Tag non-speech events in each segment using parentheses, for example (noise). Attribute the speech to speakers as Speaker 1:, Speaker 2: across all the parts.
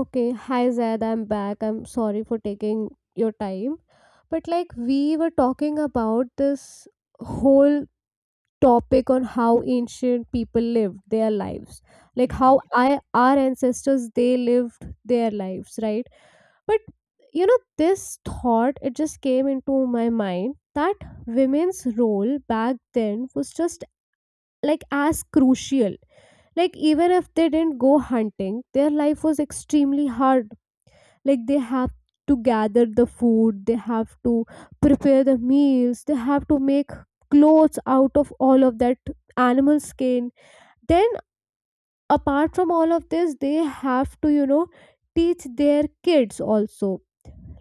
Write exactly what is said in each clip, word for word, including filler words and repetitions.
Speaker 1: Okay, hi Zaid, I'm back. I'm sorry for taking your time. But like we were talking about this whole topic on how ancient people lived their lives. Like how
Speaker 2: Mhm.
Speaker 1: I our ancestors they lived their lives, right? But you know, this thought it just came into my mind that women's role back then was just like as crucial. Like even if they didn't go hunting, their life was extremely hard like they have to gather the food, they have to prepare the meals, they have to make clothes out of all of that animal skin. Then apart from all of this they have to you know teach their kids also.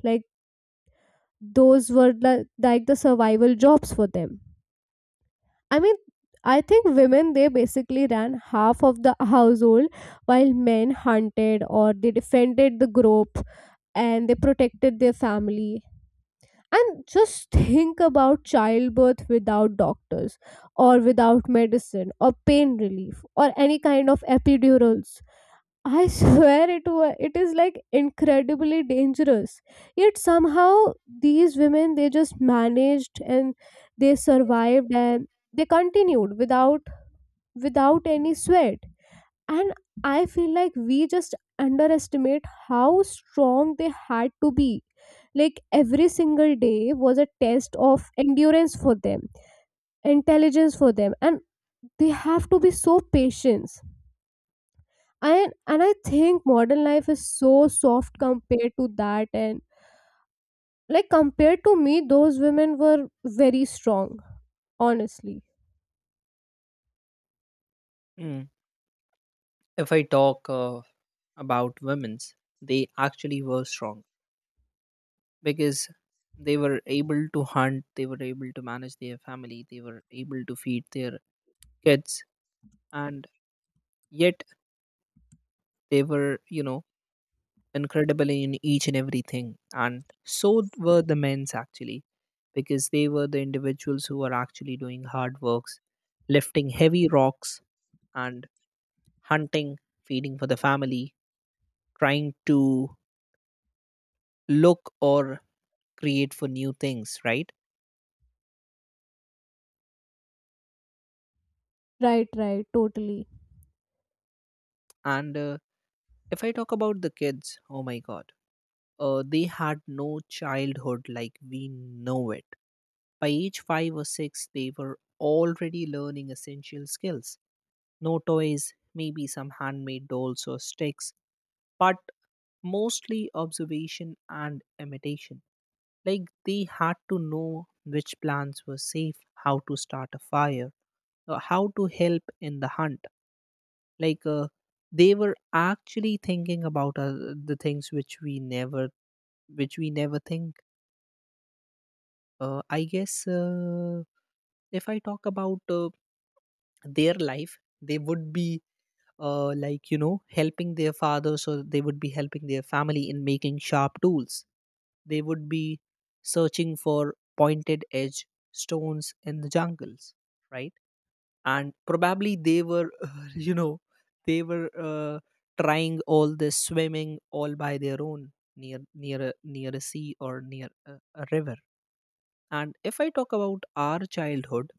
Speaker 1: Like those were the, like the survival jobs for them. I mean I think women they basically ran half of the household while men hunted or they defended the group and they protected their family. And just think about childbirth without doctors, or without medicine, or pain relief, or any kind of epidurals. I (laughs) swear it wa- it is like incredibly dangerous. Yet somehow these women they just managed, and they survived, and they continued without without any sweat. And I feel like we just underestimate how strong they had to be. Like every single day was a test of endurance for them, intelligence for them, and they have to be so patient. And and I think modern life is so soft compared to that. And like compared to me, those women were very strong, honestly.
Speaker 2: Mm. If I talk uh, about women's, they actually were strong because they were able to hunt, they were able to manage their family, they were able to feed their kids, and yet they were, you know, incredible in each and everything. And so were the men's actually, because they were the individuals who were actually doing hard works, lifting heavy rocks, and hunting, feeding for the family, trying to look or create for new things, right.
Speaker 1: Right, right, totally.
Speaker 2: And uh, if I talk about the kids, oh my god, uh, they had no childhood like we know it. By age five or six they were already learning essential skills, no toys, maybe some handmade dolls or sticks, but mostly observation and imitation. Like they had to know which plants were safe, how to start a fire, uh, how to help in the hunt. Like uh, they were actually thinking about uh, the things which we never, which we never think. uh, I guess uh, if I talk about uh, their life, they would be, uh, like, you know, helping their father, so they would be helping their family in making sharp tools. They would be searching for pointed edge stones in the jungles, right? And probably they were (laughs) you know, they were uh, trying all this swimming all by their own, near near a, near a sea, or near a, a river. And if I talk about our childhood,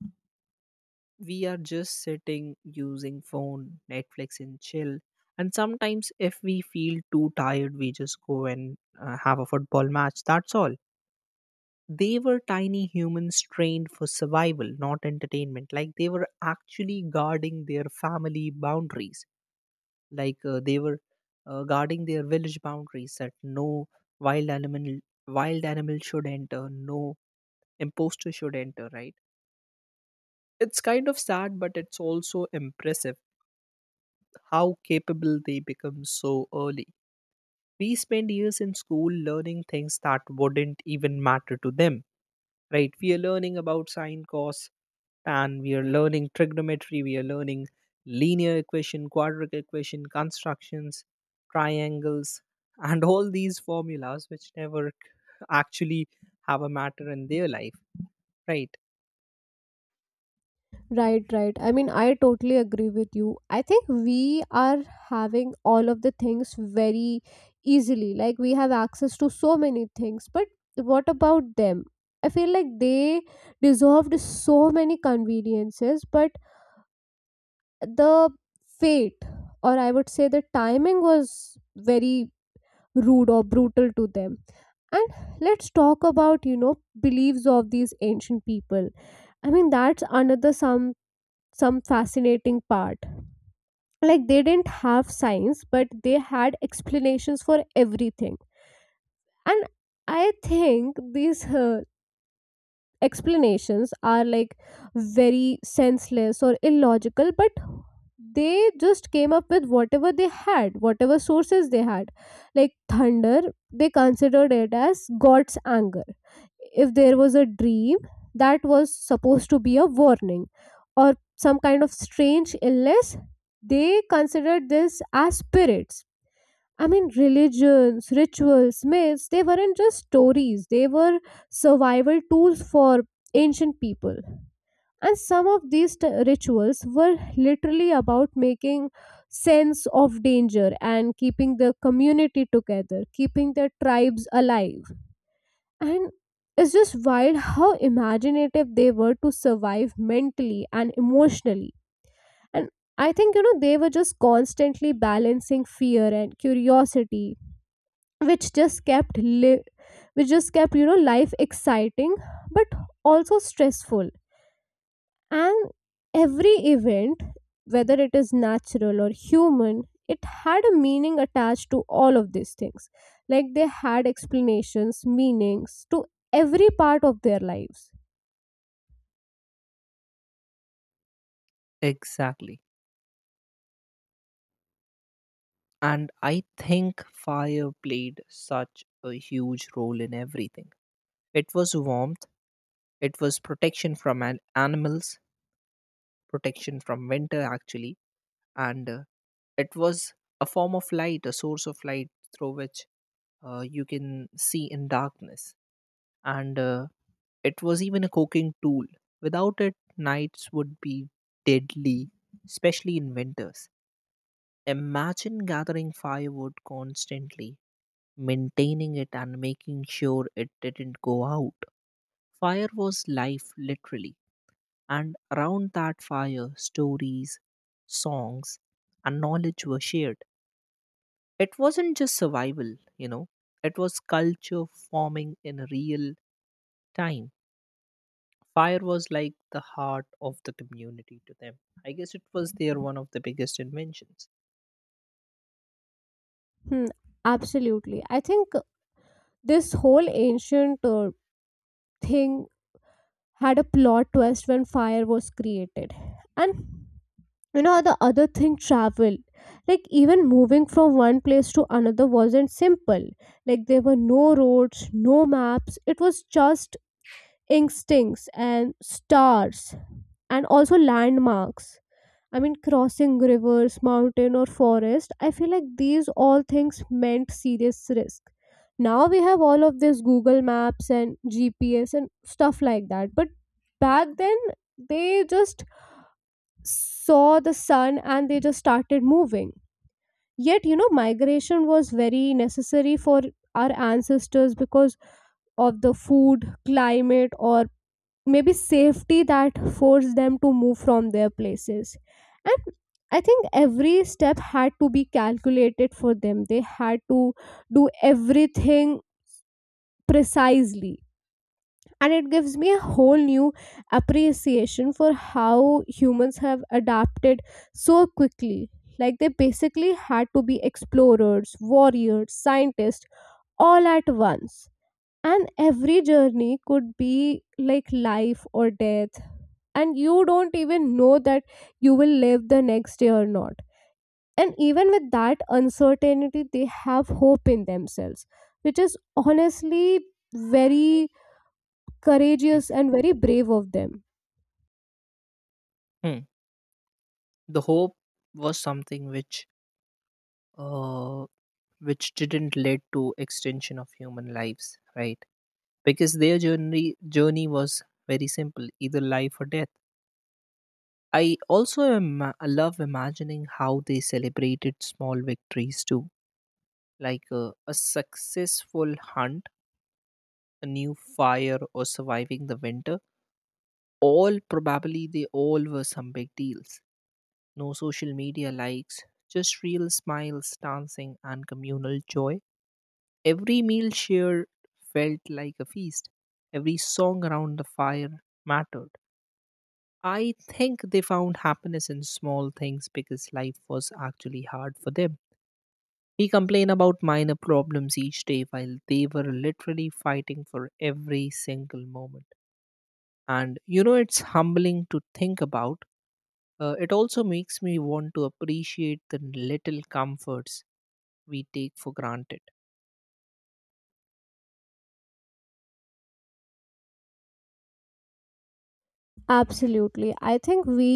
Speaker 2: we are just sitting using phone, Netflix and chill, and sometimes if we feel too tired, we just go and uh, have a football match, that's all. They were tiny humans trained for survival, not entertainment. Like they were actually guarding their family boundaries. Like uh, they were uh, guarding their village boundaries, that no wild animal wild animal should enter, no imposter should enter, right? It's kind of sad, but it's also impressive how capable they become so early. We spend years in school learning things that wouldn't even matter to them, right? We are learning about sine, cos, and we are learning trigonometry, we are learning linear equation, quadratic equation, constructions, triangles, (laughs) and all these formulas which never actually have a matter in their life, right?
Speaker 1: Right, right. I mean, I totally agree with you. I think we are having all of the things very easily. Like, we have access to so many things. But what about them? I feel like they deserved so many conveniences, but the fate, or I would say the timing, was very rude or brutal to them. And let's talk about, you know, beliefs of these ancient people. I mean, that's another some some fascinating part. Like they didn't have science, but they had explanations for everything. And I think these uh, explanations are like very senseless or illogical, but they just came up with whatever they had, whatever sources they had. Like thunder, they considered it as god's anger. If there was a dream, that was supposed to be a warning. Or some kind of strange illness, they considered this as spirits. I mean, religions, rituals, myths, they weren't just stories, they were survival tools for ancient people. And some of these t- rituals were literally about making sense of danger and keeping the community together, keeping the tribes alive. And it's just wild how imaginative they were to survive mentally and emotionally. And I think, you know, they were just constantly balancing fear and curiosity, which just kept li- which just kept you know life exciting, but also stressful. And every event, whether it is natural or human, it had a meaning attached to all of these things. Like they had explanations, meanings to every part of their lives.
Speaker 2: Exactly. And I think fire played such a huge role in everything. It was warmth, it was protection from an animals, protection from winter actually. And uh, it was a form of light, a source of light through which uh, you can see in darkness. And uh, it was even a cooking tool. Without it, nights would be deadly, especially in winters. Imagine gathering firewood constantly, maintaining it, and making sure it didn't go out. Fire was life, literally. And around that fire, stories, songs, and knowledge were shared. It wasn't just survival, you know, it was culture forming in real time. Fire was like the heart of the community to them. I guess it was their one of the biggest inventions.
Speaker 1: Hmm, absolutely. I think this whole ancient uh, thing had a plot twist when fire was created. And you know the other thing, travel. Like even moving from one place to another wasn't simple. Like there were no roads, no maps, it was just instincts and stars, and also landmarks. I mean, crossing rivers, mountain, or forest, I feel like these all things meant serious risk. Now we have all of this Google Maps and G P S and stuff like that. But back then, they just saw the sun and they just started moving. Yet, you know, migration was very necessary for our ancestors because of the food, climate, or maybe safety that forced them to move from their places. And I think every step had to be calculated for them. They had to do everything precisely, and it gives me a whole new appreciation for how humans have adapted so quickly. Like they basically had to be explorers, warriors, scientists, all at once. And every journey could be like life or death, and you don't even know that you will live the next day or not. And even with that uncertainty they have hope in themselves, which is honestly very courageous
Speaker 2: Mhm.
Speaker 1: and very brave of them.
Speaker 2: Hmm. The hope was something which uh, which didn't lead to extension of human lives, right? Because their journey journey was very simple, either life or death. I also am, love imagining how they celebrated small victories too, like uh, a successful hunt, a new fire, or surviving the winter, all probably they all were some big deals. No social media likes, just real smiles, dancing, and communal joy. Every meal shared felt like a feast. Every song around the fire mattered. I think they found happiness in small things because life was actually hard for them. We complain about minor problems each day while they were literally fighting for every single moment. And you know, it's humbling to think about. Uh, it also makes me want to appreciate the little comforts we take for granted.
Speaker 1: Absolutely, I think we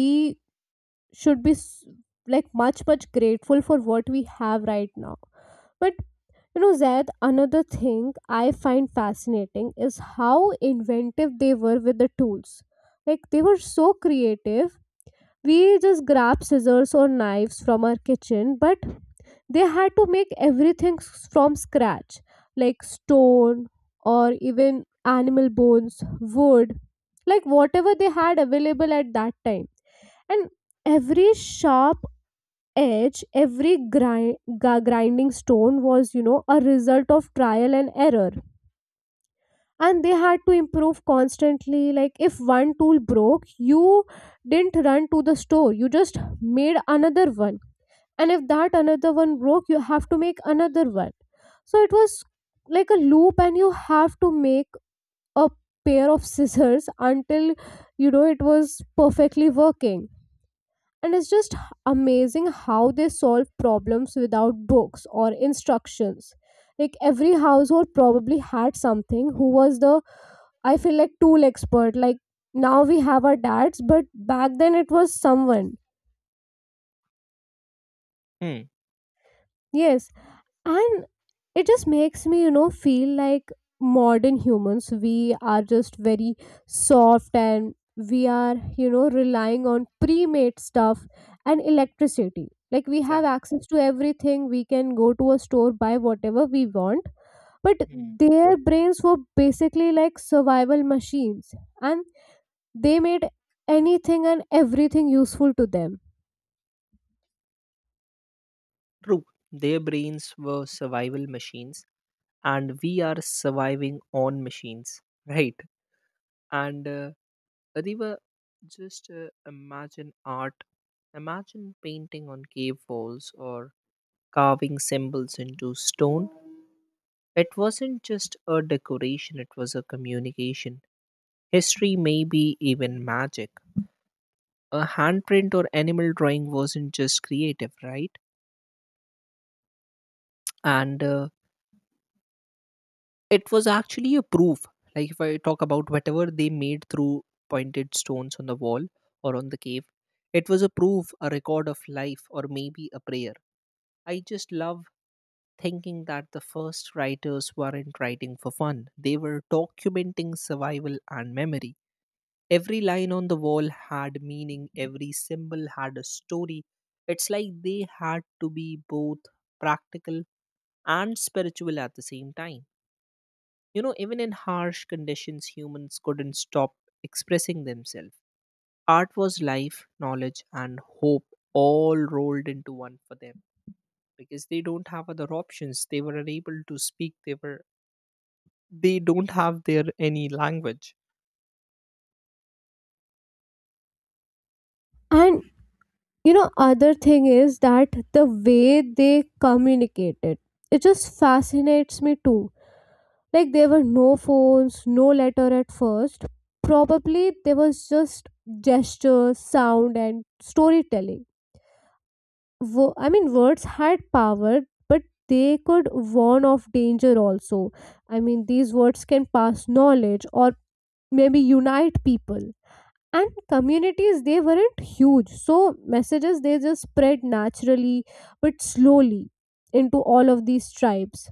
Speaker 1: should be s- like much much grateful for what we have right now. But you know, Zaid, another thing I find fascinating is how inventive they were with the tools. Like, they were so creative. We just grab scissors or knives from our kitchen, but they had to make everything s- from scratch, like stone or even animal bones, wood, like whatever they had available at that time. And every sharp edge, every grind, grinding stone was you know a result of trial and error. And they had to improve constantly. Like if one tool broke, you didn't run to the store, you just made another one. And if that another one broke, you have to make another one. So it was like a loop, and you have to make a pair of scissors (laughs) until you know it was perfectly working. And it's just h- amazing how they solve problems without books or instructions. Like every household probably had something, who was the, I feel like, tool expert. Like now we have our dads, but back then it was someone.
Speaker 2: Hmm.
Speaker 1: Yes. And it just makes me you know feel like modern humans, we are just very soft. And we are you know relying on pre-made stuff and electricity. Like we have
Speaker 2: Exactly.
Speaker 1: access to everything, we can go to a store, buy whatever we want. But
Speaker 2: Hmm.
Speaker 1: their brains were basically like survival machines, and they made anything and everything useful to them.
Speaker 2: True. Their brains were survival machines, and we are surviving on machines, right? And uh, Adiva, just uh, imagine art. Imagine painting on cave walls or carving symbols into stone. It wasn't just a decoration, it was a communication. History, maybe even magic. A handprint or animal drawing wasn't just creative, right? And uh, it was actually a proof. Like if I talk about whatever they made through pointed stones on the wall or on the cave, it was a proof, a record of life, or maybe a prayer. I just love thinking that the first writers weren't writing for fun, they were documenting survival and memory. Every line on the wall had meaning, every symbol had a story. It's like they had to be both practical and spiritual at the same time. You know, even in harsh conditions, humans couldn't stop expressing themselves. Art was life, knowledge, and hope all rolled into one for them, because they don't have other options. They were unable to speak, they were they don't have their any language.
Speaker 1: And you know, other thing is that the way they communicated, it just fascinates me too. Like there were no phones, no letter at first. Probably there was just gestures, sound, and storytelling. Wo- I mean, words had power, but they could warn of danger also. I mean, these words can pass knowledge or maybe unite people. And communities, they weren't huge, so messages, they just spread naturally, but slowly, into all of these tribes.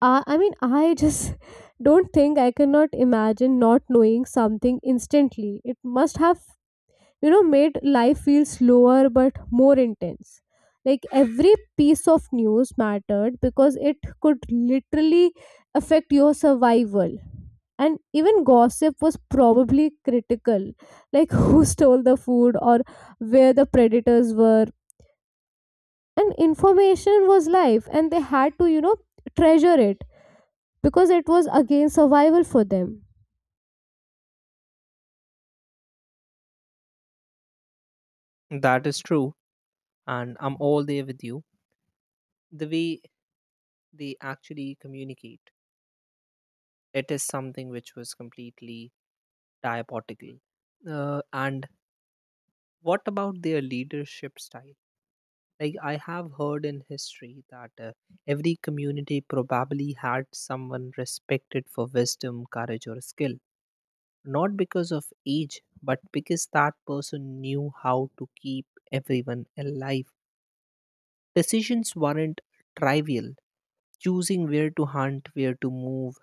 Speaker 1: i, I mean, I just (laughs) don't think I cannot imagine not knowing something instantly. It must have you know made life feel slower but more intense. Like every piece of news mattered because it could literally affect your survival. And even gossip was probably critical, like (laughs) who stole the food or where the predators were. And information was life, and they had to you know treasure it, because it was again survival for them.
Speaker 2: That is true, and I'm all there with you. The way they actually communicate, it is something which was completely diabotical. Uh, and what about their leadership style? Like I have heard in history that uh, every community probably had someone respected for wisdom, courage, or skill, not because of age, but because that person knew how to keep everyone alive. Decisions weren't trivial. Choosing where to hunt, where to move,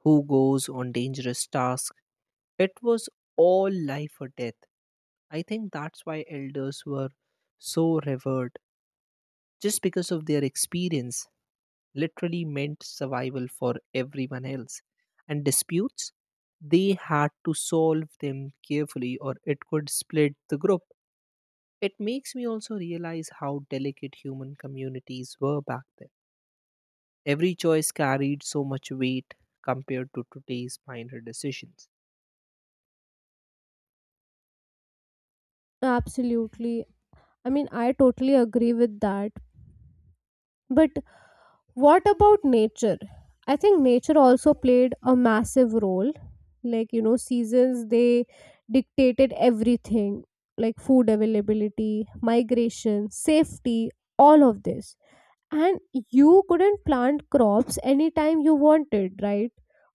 Speaker 2: who goes on dangerous tasks. It was all life or death. I think that's why elders were so revered, just because of their experience literally meant survival for everyone else. And disputes, they had to solve them carefully or it could split the group. It makes me also realize how delicate human communities were back then. Every choice carried so much weight compared to today's minor decisions.
Speaker 1: Absolutely, I mean I totally agree with that. But what about nature? I think nature also played a massive role. Like you know seasons, they dictated everything, like food availability, migration, safety, all of this. And you couldn't plant crops anytime you wanted, right?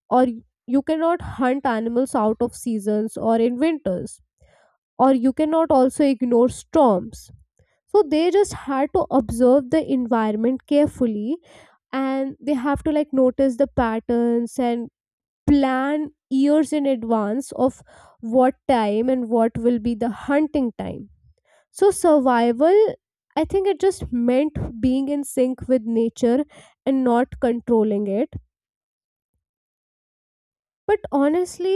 Speaker 1: Or you cannot hunt animals out of seasons or in winters, or you cannot also ignore storms. So they just had to observe the environment carefully, and they have to like notice the patterns and plan years in advance of what time and what will be the hunting time. So survival, I think it just meant being in sync with nature and not controlling it. But honestly,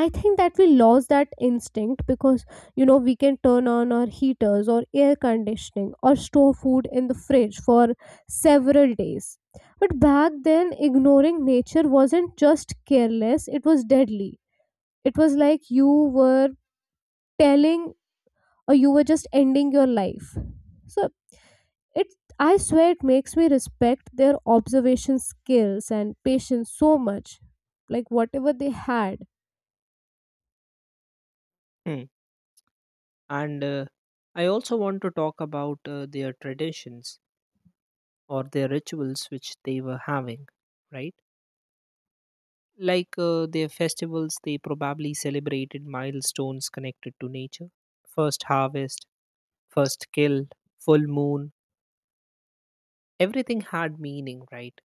Speaker 1: I think that we lost that instinct, because you know we can turn on our heaters or air conditioning, or store food in the fridge for several days. But back then, ignoring nature wasn't just careless, it was deadly. It was like you were telling or you were just ending your life. So it I swear it makes me respect their observation skills and patience so much, like whatever they had.
Speaker 2: Hmm. And uh, I also want to talk about uh, their traditions or their rituals which they were having, right? Like uh, their festivals, they probably celebrated milestones connected to nature. First harvest, first kill, full moon, everything had meaning, right?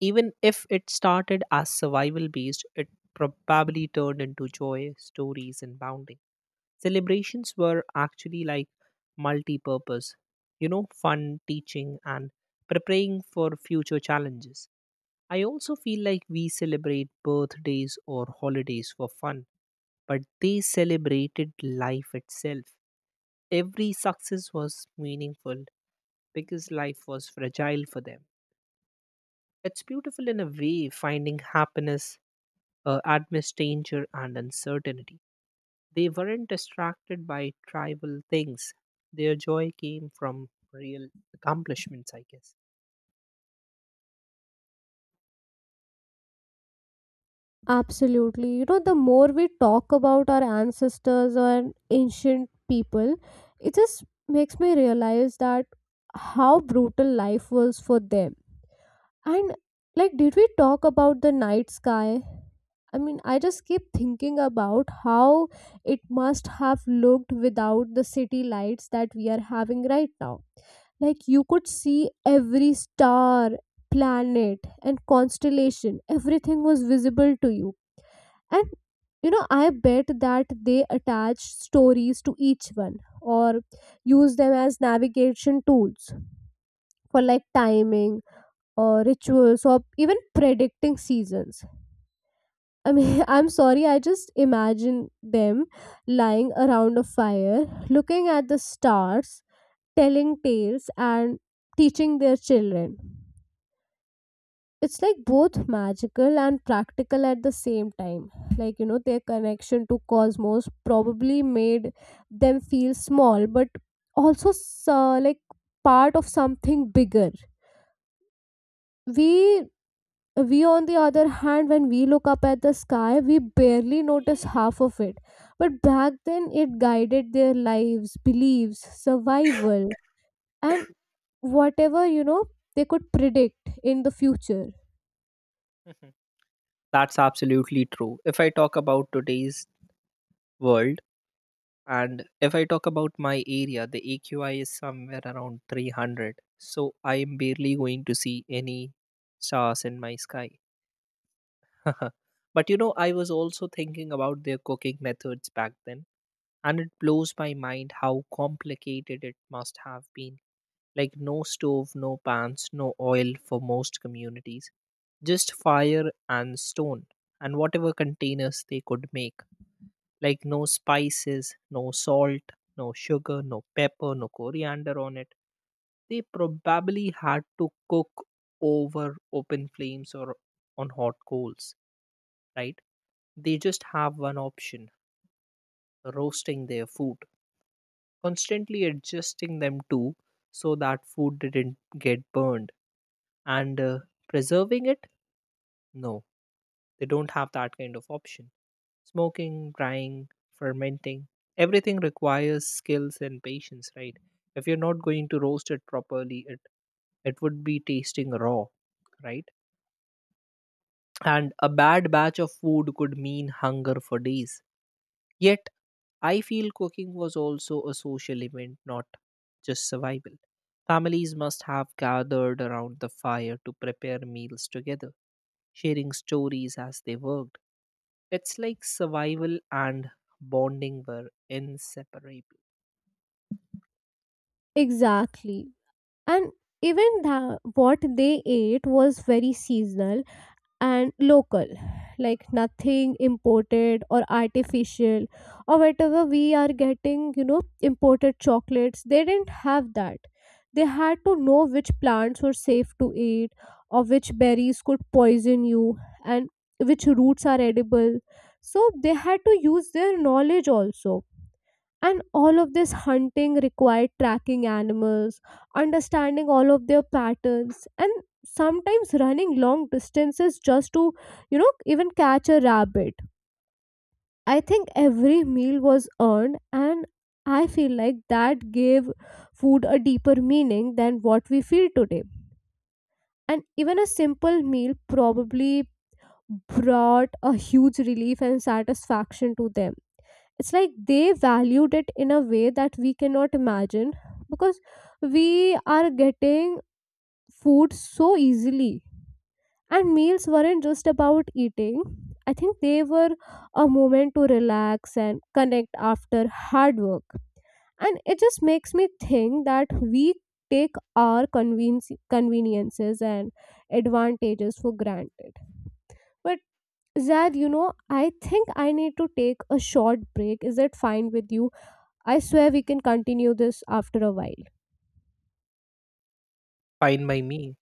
Speaker 2: Even if it started as survival based, it probably turned into joy, stories, and bounding. Celebrations were actually like multi purpose, you know, fun, teaching, and preparing for future challenges. I also feel like we celebrate birthdays or holidays for fun, but they celebrated life itself. Every success was meaningful because life was fragile for them. It's beautiful in a way, finding happiness uh, amidst danger and uncertainty. They weren't distracted by tribal things. Their joy came from real accomplishments, I guess.
Speaker 1: Absolutely. You know, the more we talk about our ancestors or ancient people, it just makes me realize that how brutal life was for them. And like, did we talk about the night sky? I mean, I just keep thinking about how it must have looked without the city lights that we are having right now. Like, you could see every star, planet, and constellation, everything was visible to you. And you know I bet that they attach stories to each one, or use them as navigation tools, for like timing or rituals or even predicting seasons. I mean, (laughs) I'm sorry, I just imagine them lying around a fire, looking at the stars, telling tales and teaching their children. It's like both magical and practical at the same time. Like you know their connection to cosmos probably made them feel small, but also s- uh, like part of something bigger. we we on the other hand, when we look up at the sky, we barely notice half of it. But back then it guided their lives, beliefs, survival, and whatever you know they could predict in the future.
Speaker 2: Mhm. That's absolutely true. If I talk about today's world, and if I talk about my area, the A Q I is somewhere around three hundred. So I am barely going to see any stars in my sky. (laughs) But you know, I was also thinking about their cooking methods back then, and it blows my mind how complicated it must have been. Like, no stove, no pans, no oil for most communities, just fire and stone, and whatever containers they could make. Like, no spices, no salt, no sugar, no pepper, no coriander on it. They probably had to cook over open flames or on hot coals, right? They just have one option, roasting their food, constantly adjusting them too, so that food didn't get burned. And uh, preserving it, no, they don't have that kind of option. Smoking, drying, fermenting, everything requires skills and patience, right? If you're not going to roast it properly, it it would be tasting raw, right? And a bad batch of food could mean hunger for days. Yet, I feel cooking was also a social event, not just survival. Families must have gathered around the fire to prepare meals together, sharing stories as they worked. It's like survival and bonding were inseparable.
Speaker 1: Exactly. And even the what they ate was very seasonal and local. Like nothing imported or artificial, or whatever we are getting, you know imported chocolates, they didn't have that. They had to know which plants were safe to eat, or which berries could poison you, and which roots are edible. So they had to use their knowledge also. And all of this hunting required tracking animals, understanding all of their patterns, and sometimes running long distances just to you know even catch a rabbit. I think every meal was earned, and I feel like that gave food a deeper meaning than what we feel today. And even a simple meal probably brought a huge relief and satisfaction to them. It's like they valued it in a way that we cannot imagine, because we are getting food so easily. And meals weren't just about eating, I think they were a moment to relax and connect after hard work. And it just makes me think that we take our convenience conveniences and advantages for granted. But Zad, you know, I think I need to take a short break. Is it fine with you? I swear we can continue this after a while.
Speaker 2: Fine by me.